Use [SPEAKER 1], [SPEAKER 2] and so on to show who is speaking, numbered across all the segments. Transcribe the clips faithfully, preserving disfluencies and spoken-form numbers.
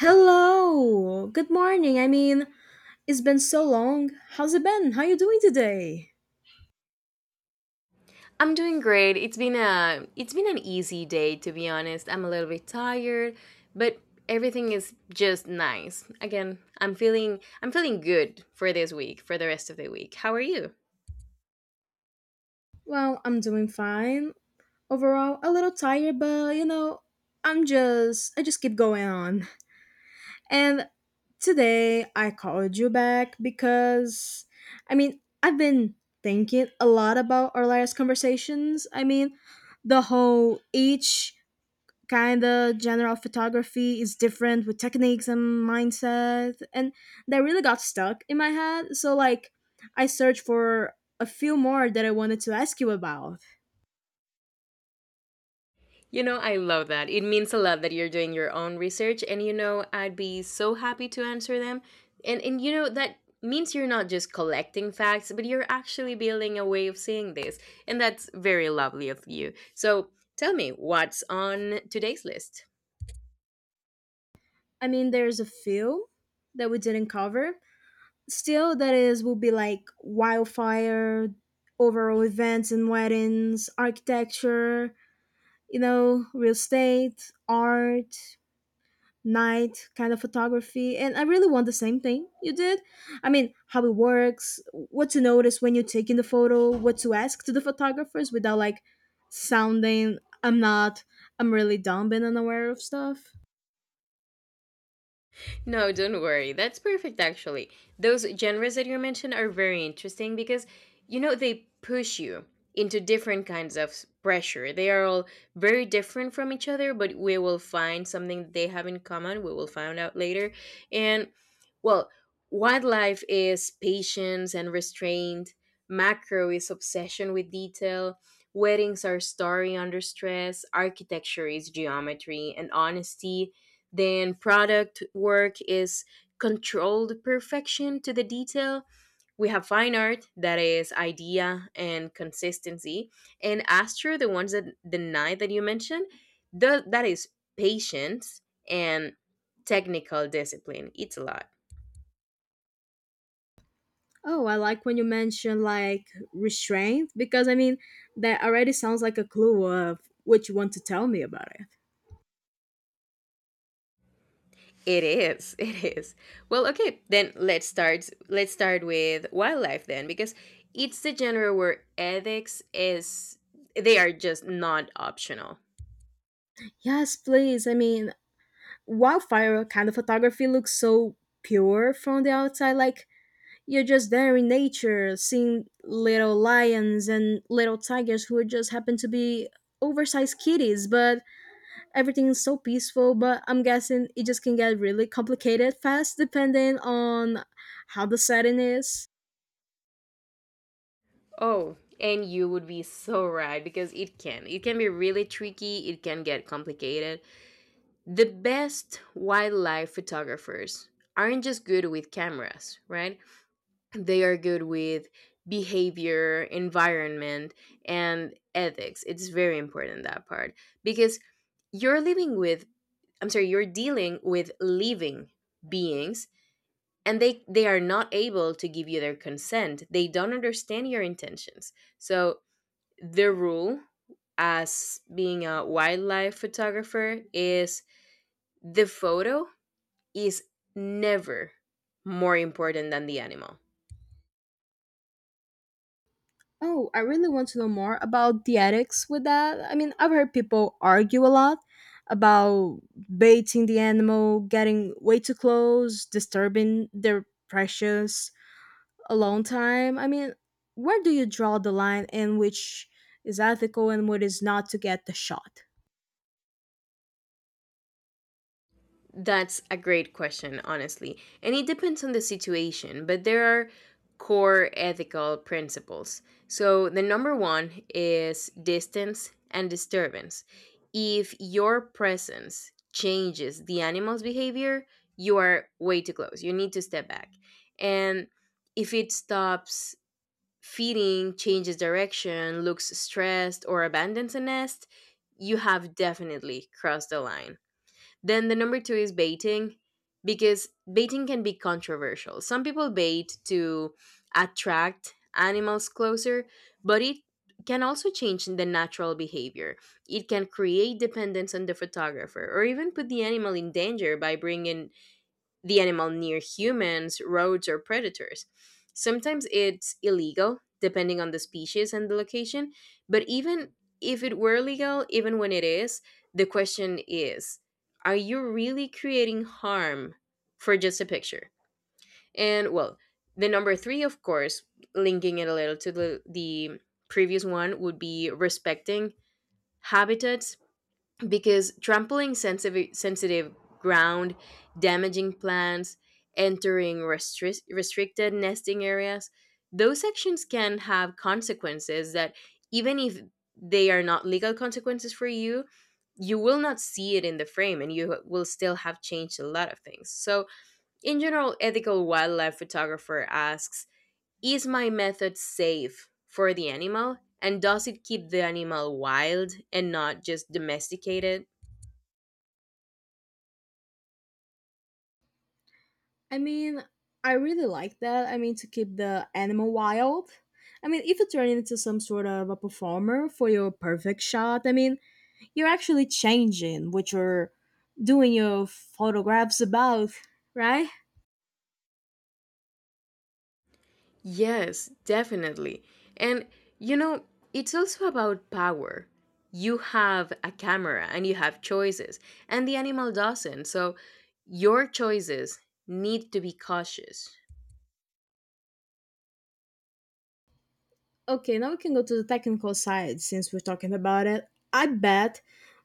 [SPEAKER 1] Hello. Good morning. I mean, it's been so long. How's it been? How you doing today?
[SPEAKER 2] I'm doing great. It's been a it's been an easy day to be honest. I'm a little bit tired, but everything is just nice. Again, I'm feeling I'm feeling good for this week, for the rest of the week. How are you?
[SPEAKER 1] Well, I'm doing fine. Overall, a little tired, but you know, I'm just I just keep going on. And today I called you back because I mean, I've been thinking a lot about our last conversations. I mean, the whole each kind of genre of photography is different with techniques and mindset and that really got stuck in my head, so like I searched for a few more that I wanted to ask you about.
[SPEAKER 2] You know, I love that. It means a lot that you're doing your own research, and you know, I'd be so happy to answer them. And and you know that means you're not just collecting facts, but you're actually building a way of seeing this. And that's very lovely of you. So, tell me what's on today's list.
[SPEAKER 1] i mean there's a few that we didn't cover still, that is will be like wildfire, overall events and weddings, architecture, you know real estate, art, night kind of photography. And I really want the same thing you did. i mean how it works, what to notice when you're taking the photo, what to ask to the photographers without like sounding I'm not I'm really dumb and unaware of stuff.
[SPEAKER 2] No, don't worry. That's perfect, actually. Those genres that you mentioned are very interesting because, you know, they push you into different kinds of s- pressure. They are all very different from each other, but we will find something that they have in common. We will find out later. And, well, wildlife is patience and restraint, macro is obsession with detail. Weddings are story under stress, architecture is geometry and honesty, then product work is controlled perfection to the detail. We have fine art that is idea and consistency, and astro, the ones that the nine that you mentioned, the, that is patience and technical discipline. It's a lot.
[SPEAKER 1] Oh, I like when you mention like restraint because i mean that already sounds like a clue of what you want to tell me about it.
[SPEAKER 2] It is. It is. Well, okay, then let's start let's start with wildlife then, because it's the genre where ethics is, they are just not optional.
[SPEAKER 1] Yes, please. i mean wildfire kind of photography looks so pure from the outside, like you're just there in nature, seeing little lions and little tigers who just happen to be oversized kitties, but everything is so peaceful. But I'm guessing it just can get really complicated fast depending on how the setting is.
[SPEAKER 2] Oh, and you would be so right, because it can. It can be really tricky, it can get complicated. The best wildlife photographers aren't just good with cameras, right? They are good with behavior, environment, and ethics. It's very important, that part, because you're living with, I'm sorry, you're dealing with living beings, and they they are not able to give you their consent. They don't understand your intentions. So the rule as being a wildlife photographer is the photo is never more important than the animal.
[SPEAKER 1] Oh, I really want to know more about the ethics with that. I mean, I've heard people argue a lot about baiting the animal, getting way too close, disturbing their precious a long time. I mean, where do you draw the line in which is ethical and what is not to get the shot?
[SPEAKER 2] That's a great question, honestly. And it depends on the situation, but there are core ethical principles. So, the number one is distance and disturbance. If your presence changes the animal's behavior, you are way too close. You need to step back. And if it stops feeding, changes direction, looks stressed, or abandons a nest, you have definitely crossed the line. Then the number two is baiting, because baiting can be controversial. Some people bait to attract animals closer, but it can also change the natural behavior. It can create dependence on the photographer, or even put the animal in danger by bringing the animal near humans, roads, or predators. Sometimes it's illegal, depending on the species and the location. But even if it were legal, even when it is, the question is, are you really creating harm for just a picture? And well, the number three, of course, linking it a little to the, the previous one, would be respecting habitats, because trampling sensitive, sensitive ground, damaging plants, entering restri- restricted nesting areas, those sections can have consequences that, even if they are not legal consequences for you, you will not see it in the frame and you will still have changed a lot of things. So, in general, ethical wildlife photographer asks, is my method safe for the animal? And does it keep the animal wild and not just domesticated?
[SPEAKER 1] I mean, I really like that. I mean, to keep the animal wild. I mean, if you turn it into some sort of a performer for your perfect shot, I mean, you're actually changing what you're doing your photographs about, right?
[SPEAKER 2] Yes, definitely. And you know, it's also about power. You have a camera and you have choices, and the animal doesn't. So your choices need to be cautious.
[SPEAKER 1] Okay, now we can go to the technical side since we're talking about it. I bet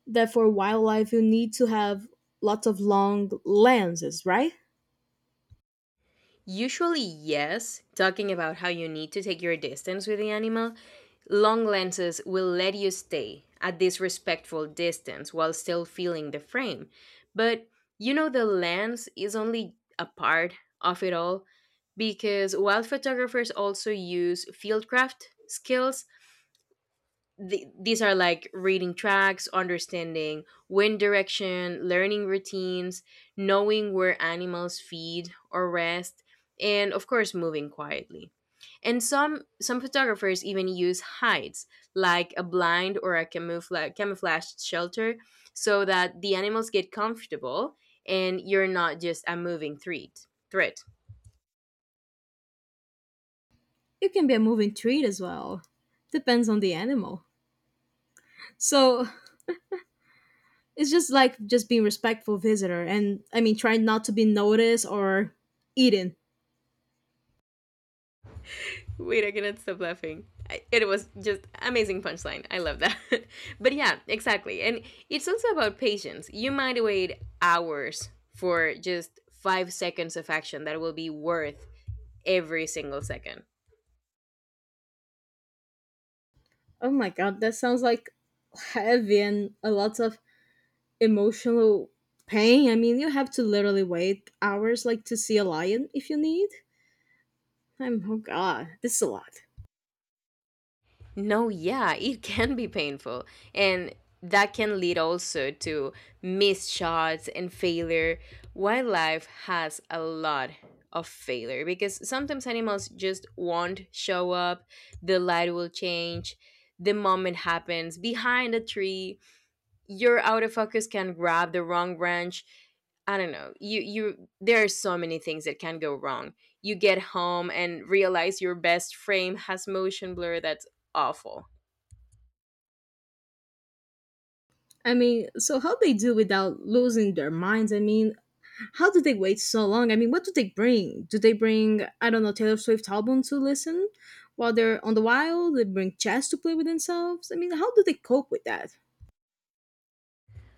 [SPEAKER 1] that for wildlife you need to have lots of long lenses, right?
[SPEAKER 2] Usually, yes. Talking about how you need to take your distance with the animal, long lenses will let you stay at this respectful distance while still feeling the frame. But you know, the lens is only a part of it all, because while photographers also use fieldcraft skills, th- these are like reading tracks, understanding wind direction, learning routines, knowing where animals feed or rest, and of course, moving quietly. And some some photographers even use hides, like a blind or a camoufla- camouflaged shelter, so that the animals get comfortable and you're not just a moving threat. Threat.
[SPEAKER 1] It can be a moving treat as well. Depends on the animal. So it's just like just being respectful visitor, and I mean trying not to be noticed or eaten.
[SPEAKER 2] Wait, I cannot stop laughing. It was just amazing punchline. I love that. But yeah, exactly. And it's also about patience. You might wait hours for just five seconds of action that will be worth every single second.
[SPEAKER 1] Oh my god, that sounds like heavy and a lot of emotional pain. I mean you have to literally wait hours like to see a lion if you need. I'm oh god, this is a lot.
[SPEAKER 2] No, yeah, it can be painful. And that can lead also to missed shots and failure. Wildlife has a lot of failure, because sometimes animals just won't show up, the light will change, the moment happens behind a tree, your autofocus can grab the wrong branch. I don't know. You you there are so many things that can go wrong. You get home and realize your best frame has motion blur that's awful.
[SPEAKER 1] I mean, so how they do without losing their minds? I mean, how do they wait so long? I mean, what do they bring? Do they bring, I don't know, Taylor Swift album to listen while they're on the wild? They bring chess to play with themselves. I mean, how do they cope with that?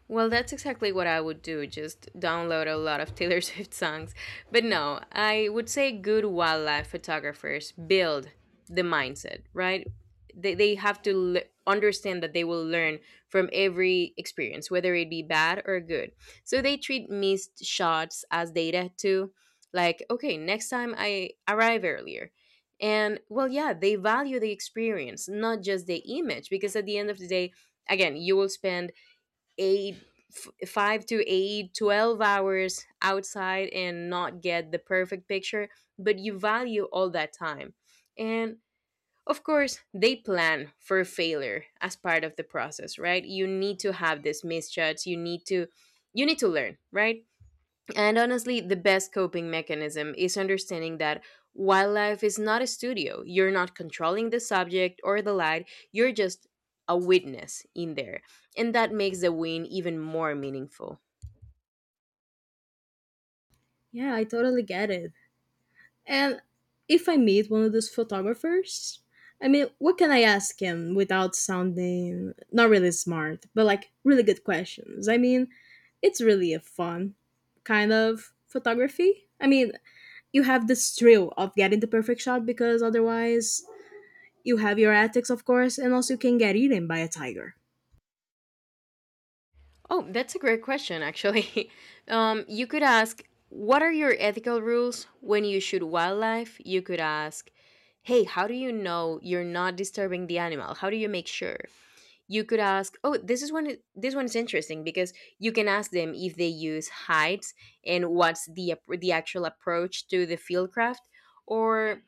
[SPEAKER 2] Well, that's exactly what I would do, just download a lot of Taylor Swift songs. But no, I would say good wildlife photographers build the mindset, right? They, they have to l- understand that they will learn from every experience, whether it be bad or good. So they treat missed shots as data too. Like, okay, next time I arrive earlier. And well, yeah, they value the experience, not just the image, because at the end of the day, again, you will spend eight f- five to eight, twelve hours outside and not get the perfect picture, but you value all that time. And of course, they plan for failure as part of the process, right? You need to have these misjudges, you need to you need to learn, right? And honestly, the best coping mechanism is understanding that wildlife is not a studio. You're not controlling the subject or the light, you're just a witness in there. And that makes the win even more meaningful.
[SPEAKER 1] Yeah, I totally get it. And if I meet one of those photographers, I mean, what can I ask him without sounding not really smart, but like really good questions? I mean, it's really a fun kind of photography. I mean, you have this thrill of getting the perfect shot because otherwise you have your ethics, of course, and also you can get eaten by a tiger.
[SPEAKER 2] Oh, that's a great question, actually. Um, you could ask, what are your ethical rules when you shoot wildlife? You could ask, hey, how do you know you're not disturbing the animal? How do you make sure? You could ask, oh, this is one this one is interesting, because you can ask them if they use heights and what's the ap- the actual approach to the fieldcraft. Or,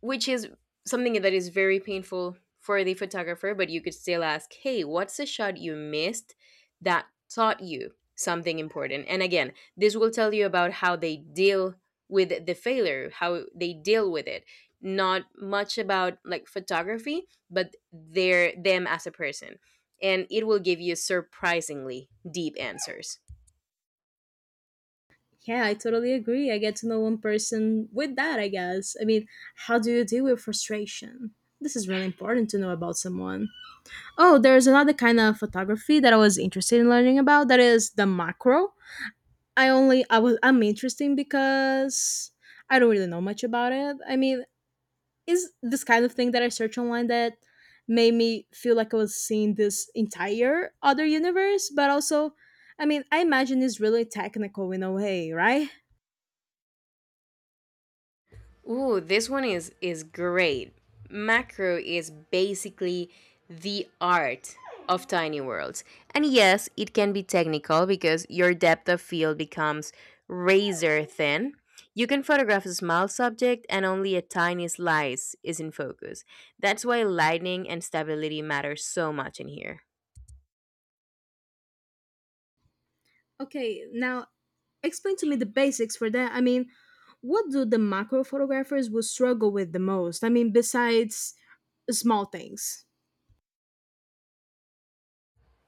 [SPEAKER 2] which is something that is very painful for the photographer, but you could still ask, hey, what's a shot you missed that taught you something important? And again, this will tell you about how they deal with the failure, how they deal with it. Not much about like photography, but their them as a person. And it will give you surprisingly deep answers.
[SPEAKER 1] Yeah, I totally agree. I get to know one person with that, I guess. I mean, how do you deal with frustration? This is really important to know about someone. Oh, there's another kind of photography that I was interested in learning about. That is the macro. I only I was I'm interested because I don't really know much about it. I mean, is this kind of thing that I search online that made me feel like I was seeing this entire other universe, but also, I mean, I imagine it's really technical in a way, right?
[SPEAKER 2] Ooh, this one is is great. Macro is basically the art of tiny worlds. And yes, it can be technical because your depth of field becomes razor thin. You can photograph a small subject and only a tiny slice is in focus. That's why lighting and stability matter so much in here.
[SPEAKER 1] Okay, now explain to me the basics for that. I mean, what do the macro photographers will struggle with the most? I mean, besides small things.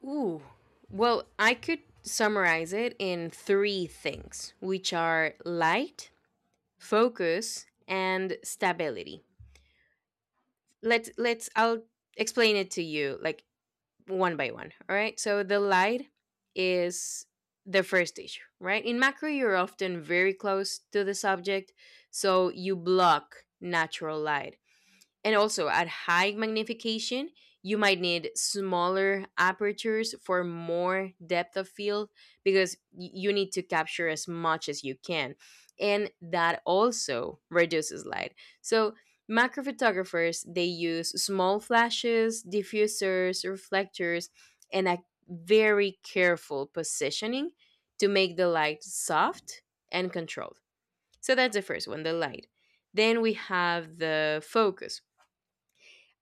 [SPEAKER 2] Ooh. Well, I could summarize it in three things, which are light, focus, and stability. Let's let's i'll explain it to you like one by one. All right, so the light is the first stage, right? In macro, you're often very close to the subject, so you block natural light. And also, at high magnification, you might need smaller apertures for more depth of field, because y- you need to capture as much as you can. And that also reduces light. So, macro photographers, they use small flashes, diffusers, reflectors, and a very careful positioning to make the light soft and controlled. So, that's the first one, the light. Then we have the focus.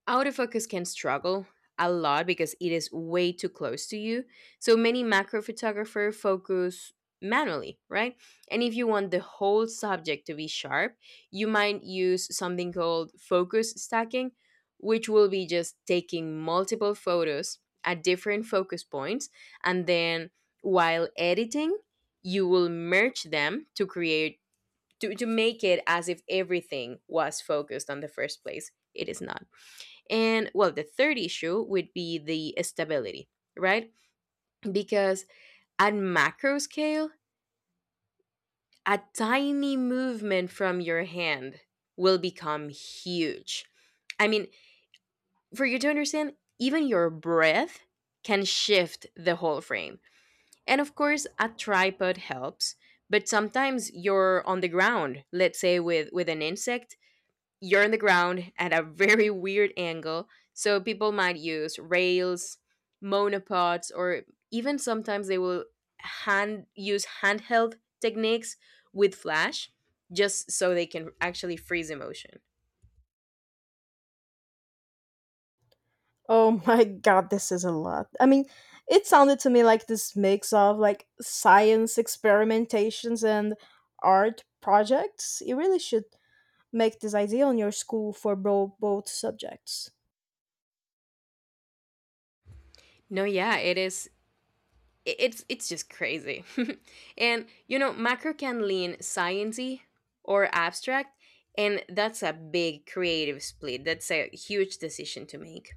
[SPEAKER 2] Autofocus can struggle a lot because it is way too close to you. So many macro photographers focus manually, right? And if you want the whole subject to be sharp, you might use something called focus stacking, which will be just taking multiple photos at different focus points and then while editing, you will merge them to create to, to make it as if everything was focused on the first place. It is not. And well, the third issue would be the stability, right? Because at macro scale, a tiny movement from your hand will become huge. I mean, for you to understand, even your breath can shift the whole frame. And of course, a tripod helps, but sometimes you're on the ground, let's say with, with an insect, you're on the ground at a very weird angle. So people might use rails, monopods, or even sometimes they will hand use handheld techniques with flash just so they can actually freeze emotion.
[SPEAKER 1] Oh my god, this is a lot. I mean, it sounded to me like this mix of like science experimentations and art projects. You really should make this idea on your school for bro- both subjects.
[SPEAKER 2] No, yeah, it is, i- it's it's just crazy. And you know, macro can lean sciency or abstract, and that's a big creative split. That's a huge decision to make.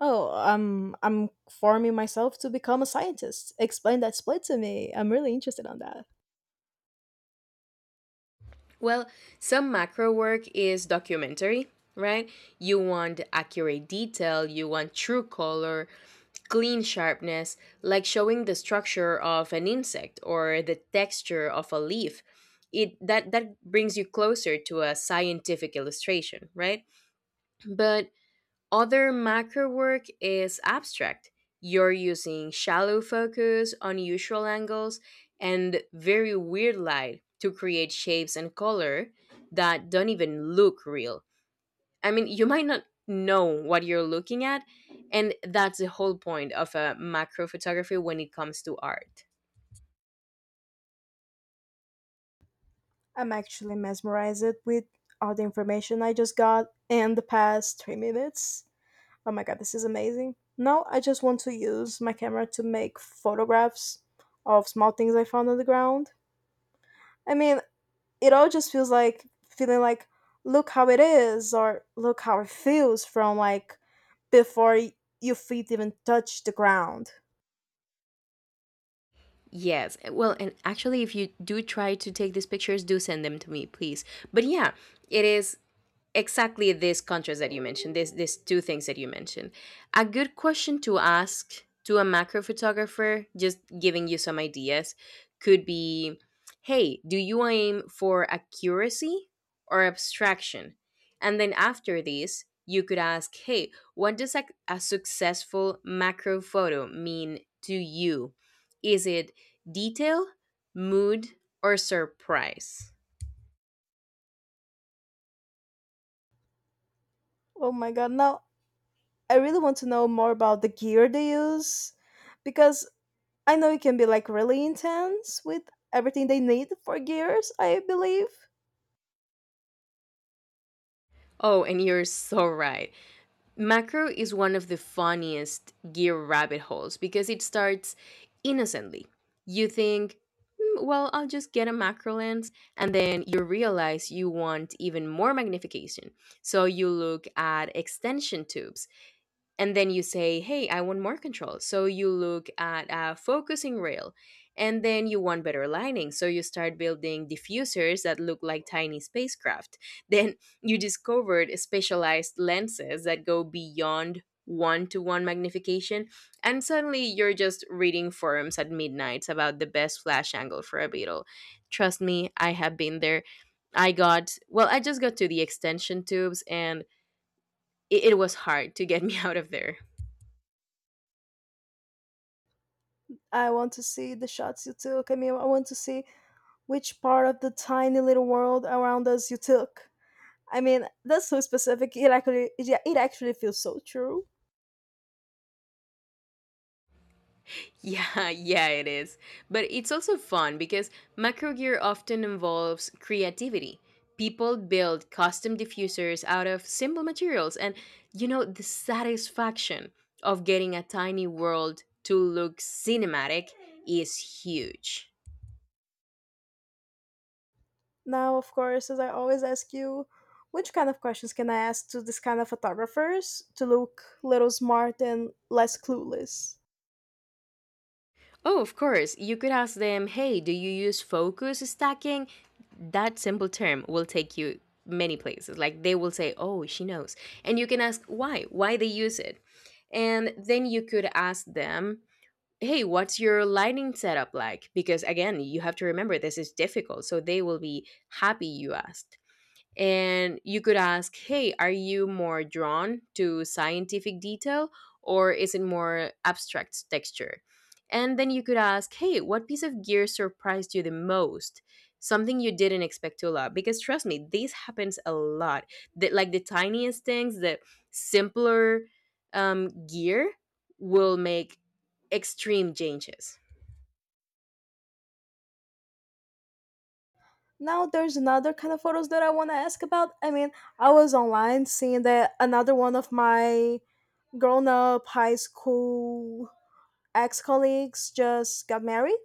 [SPEAKER 1] Oh, um, I'm forming myself to become a scientist. Explain that split to me. I'm really interested on that.
[SPEAKER 2] Well, some macro work is documentary, right? You want accurate detail, you want true color, clean sharpness, like showing the structure of an insect or the texture of a leaf. It, that that brings you closer to a scientific illustration, right? But other macro work is abstract. You're using shallow focus, unusual angles, and very weird light to create shapes and color that don't even look real. I mean, you might not know what you're looking at, and that's the whole point of a macro photography when it comes to art.
[SPEAKER 1] I'm actually mesmerized with all the information I just got in the past three minutes. Oh my god, this is amazing. Now I just want to use my camera to make photographs of small things I found on the ground. I mean, it all just feels like feeling like, look how it is, or look how it feels from like before y- your feet even touch the ground.
[SPEAKER 2] Yes. Well, and actually, if you do try to take these pictures, do send them to me, please. But yeah, it is exactly this contrast that you mentioned, this these two things that you mentioned, a good question to ask to a macro photographer, just giving you some ideas, could be, hey, do you aim for accuracy or abstraction? And then after this you could ask, hey, what does a, a successful macro photo mean to you? Is it detail, mood, or surprise?
[SPEAKER 1] Oh my god, now I really want to know more about the gear they use because I know it can be like really intense with everything they need for gears, I believe.
[SPEAKER 2] Oh, and you're so right. Macro is one of the funniest gear rabbit holes because it starts innocently. You think, "Hmm, well, I'll just get a macro lens," and then you realize you want even more magnification. So you look at extension tubes, and then you say, hey, I want more control, so you look at a focusing rail, and then you want better lighting, so you start building diffusers that look like tiny spacecraft. Then you discovered specialized lenses that go beyond one to one magnification, and suddenly you're just reading forums at midnight about the best flash angle for a beetle. Trust me, I have been there. I got, well, I just got to the extension tubes, and it, it was hard to get me out of there.
[SPEAKER 1] I want to see the shots you took. I mean, I want to see which part of the tiny little world around us you took. I mean, that's so specific. It actually, it, yeah, it actually feels so true.
[SPEAKER 2] Yeah, yeah, it is. But it's also fun because macro gear often involves creativity. People build custom diffusers out of simple materials, and you know, the satisfaction of getting a tiny world to look cinematic is huge.
[SPEAKER 1] Now, of course, as I always ask you, which kind of questions can I ask to this kind of photographers to look little smart and less clueless?
[SPEAKER 2] Oh, of course. You could ask them, hey, do you use focus stacking? That simple term will take you many places. Like they will say, oh, she knows. And you can ask why, why they use it. And then you could ask them, hey, what's your lighting setup like? Because again, you have to remember this is difficult. So they will be happy you asked. And you could ask, hey, are you more drawn to scientific detail or is it more abstract texture? And then you could ask, hey, what piece of gear surprised you the most? Something you didn't expect to love. Because trust me, this happens a lot. The, like the tiniest things, the simpler um, gear will make extreme changes.
[SPEAKER 1] Now, there's another kind of photos that I want to ask about. I mean, I was online seeing that another one of my grown up high school ex colleagues just got married.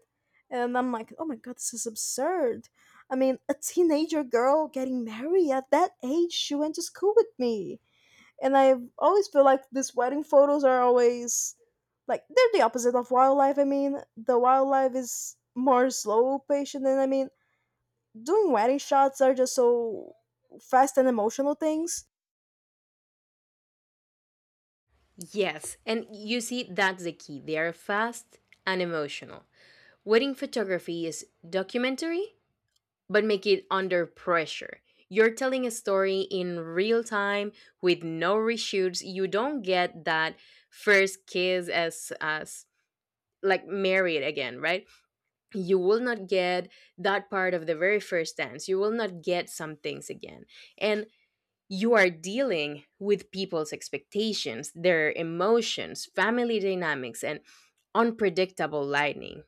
[SPEAKER 1] And I'm like, oh my God, this is absurd. I mean, a teenager girl getting married at that age, she went to school with me. And I always feel like these wedding photos are always like they're the opposite of wildlife. I mean, the wildlife is more slow patient, and I mean, doing wedding shots are just so fast and emotional things.
[SPEAKER 2] Yes, and you see, that's the key. They are fast and emotional. Wedding photography is documentary, but make it under pressure. You're telling a story in real time with no reshoots. You don't get that first kiss as as like married again, right? You will not get that part of the very first dance. You will not get some things again. And you are dealing with people's expectations, their emotions, family dynamics, and unpredictable lightning.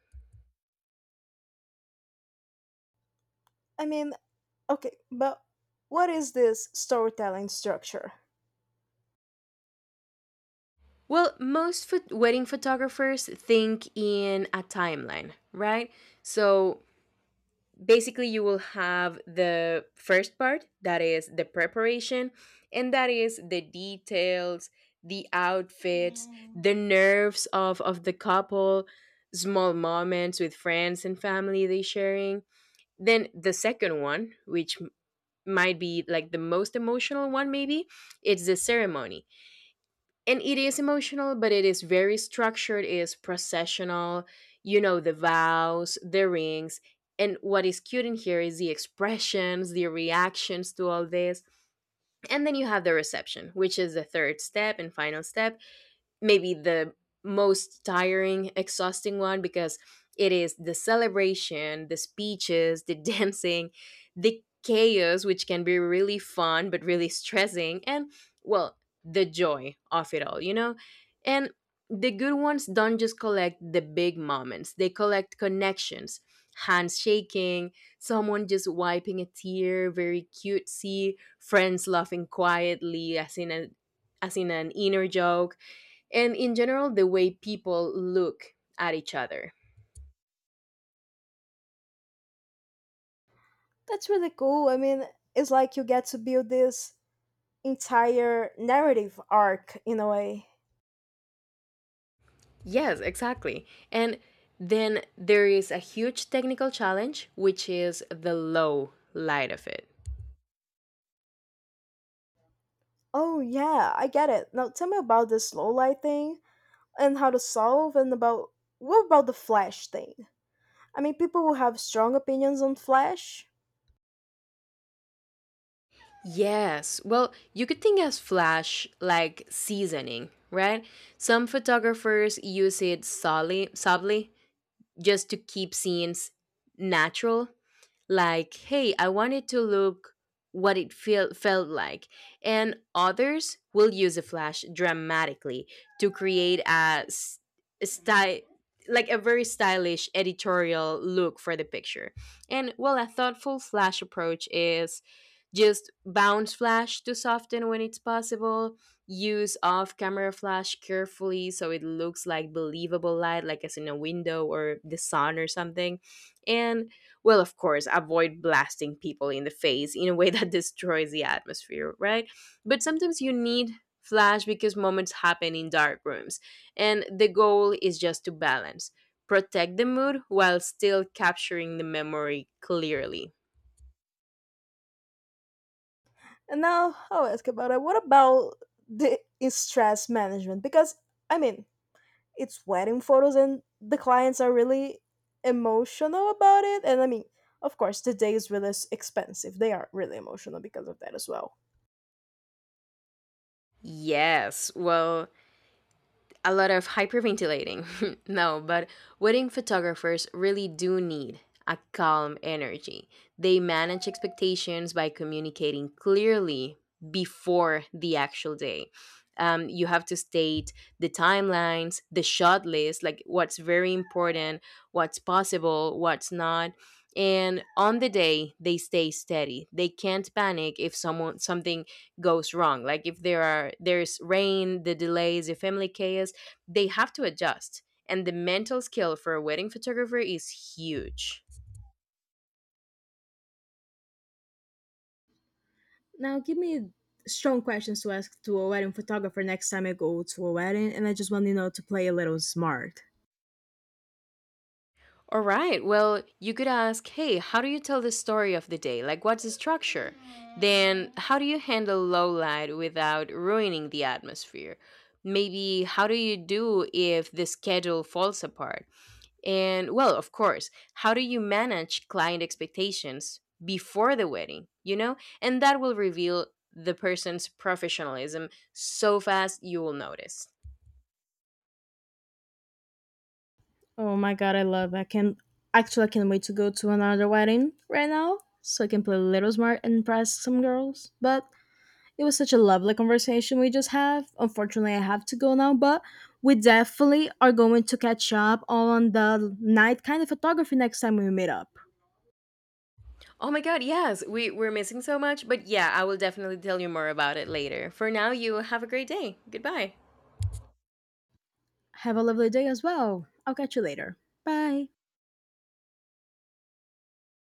[SPEAKER 1] I mean, okay, but what is this storytelling structure?
[SPEAKER 2] Well, most phot- wedding photographers think in a timeline, right? So basically, you will have the first part, that is the preparation, and that is the details, the outfits, Mm, the nerves of, of the couple, small moments with friends and family they sharing. Then the second one, which m- might be like the most emotional one, maybe, it's the ceremony, and it is emotional, but it is very structured, it is processional, you know, the vows, the rings. And what is cute in here is the expressions, the reactions to all this. And then you have the reception, which is the third step and final step, maybe the most tiring, exhausting one, because it is the celebration, the speeches, the dancing, the chaos, which can be really fun but really stressing, and, well, the joy of it all, you know? And the good ones don't just collect the big moments, they collect connections, hands shaking, someone just wiping a tear, very cutesy, friends laughing quietly as in a, as in an inner joke, and in general the way people look at each other.
[SPEAKER 1] That's really cool. I mean, it's like you get to build this entire narrative arc in a way.
[SPEAKER 2] Yes, exactly. And then there is a huge technical challenge, which is the low light of it.
[SPEAKER 1] Oh, yeah, I get it. Now tell me about the slow light thing and how to solve, and about what about the Flash thing? I mean, people will have strong opinions on Flash.
[SPEAKER 2] Yes, well, you could think as flash like seasoning, right? Some photographers use it subtly, subtly just to keep scenes natural, like, hey, I wanted to look what it feel, felt like. And others will use the flash dramatically to create a s- style, like a very stylish editorial look for the picture. And well, a thoughtful flash approach is just bounce flash to soften when it's possible, use off camera flash carefully so it looks like believable light, like as in a window or the sun or something. And, well, of course, avoid blasting people in the face in a way that destroys the atmosphere, right? But sometimes you need flash because moments happen in dark rooms, and the goal is just to balance, protect the mood while still capturing the memory clearly.
[SPEAKER 1] And now I'll ask about it. What about the stress management? Because, I mean, it's wedding photos and the clients are really emotional about it, and i mean of course the day is really s- expensive, they are really emotional because of that as well.
[SPEAKER 2] Yes, well, a lot of hyperventilating. No, but wedding photographers really do need a calm energy. They manage expectations by communicating clearly before the actual day. Um, you have to state the timelines, the shot list, like what's very important, what's possible, what's not. And on the day, they stay steady. They can't panic if someone something goes wrong. Like if there are there's rain, the delays, the family chaos, they have to adjust, and the mental skill for a wedding photographer is huge.
[SPEAKER 1] Now, give me strong questions to ask to a wedding photographer next time I go to a wedding, and I just want to know to play a little smart.
[SPEAKER 2] All right, well, you could ask, hey, how do you tell the story of the day, like what's the structure? Then, how do you handle low light without ruining the atmosphere? Maybe, how do you do if the schedule falls apart? And well, of course, how do you manage client expectations before the wedding? You know, and that will reveal the person's professionalism so fast you will notice.
[SPEAKER 1] Oh my god, I love. I can actually I can't wait to go to another wedding right now, so I can play a little smart and impress some girls. But it was such a lovely conversation we just have. Unfortunately, I have to go now, but we definitely are going to catch up on the night kind of photography next time we meet up.
[SPEAKER 2] Oh my god, yes, we, we're missing so much, but yeah, I will definitely tell you more about it later. For now, you have a great day. Goodbye.
[SPEAKER 1] Have a lovely day as well. I'll catch you later. Bye.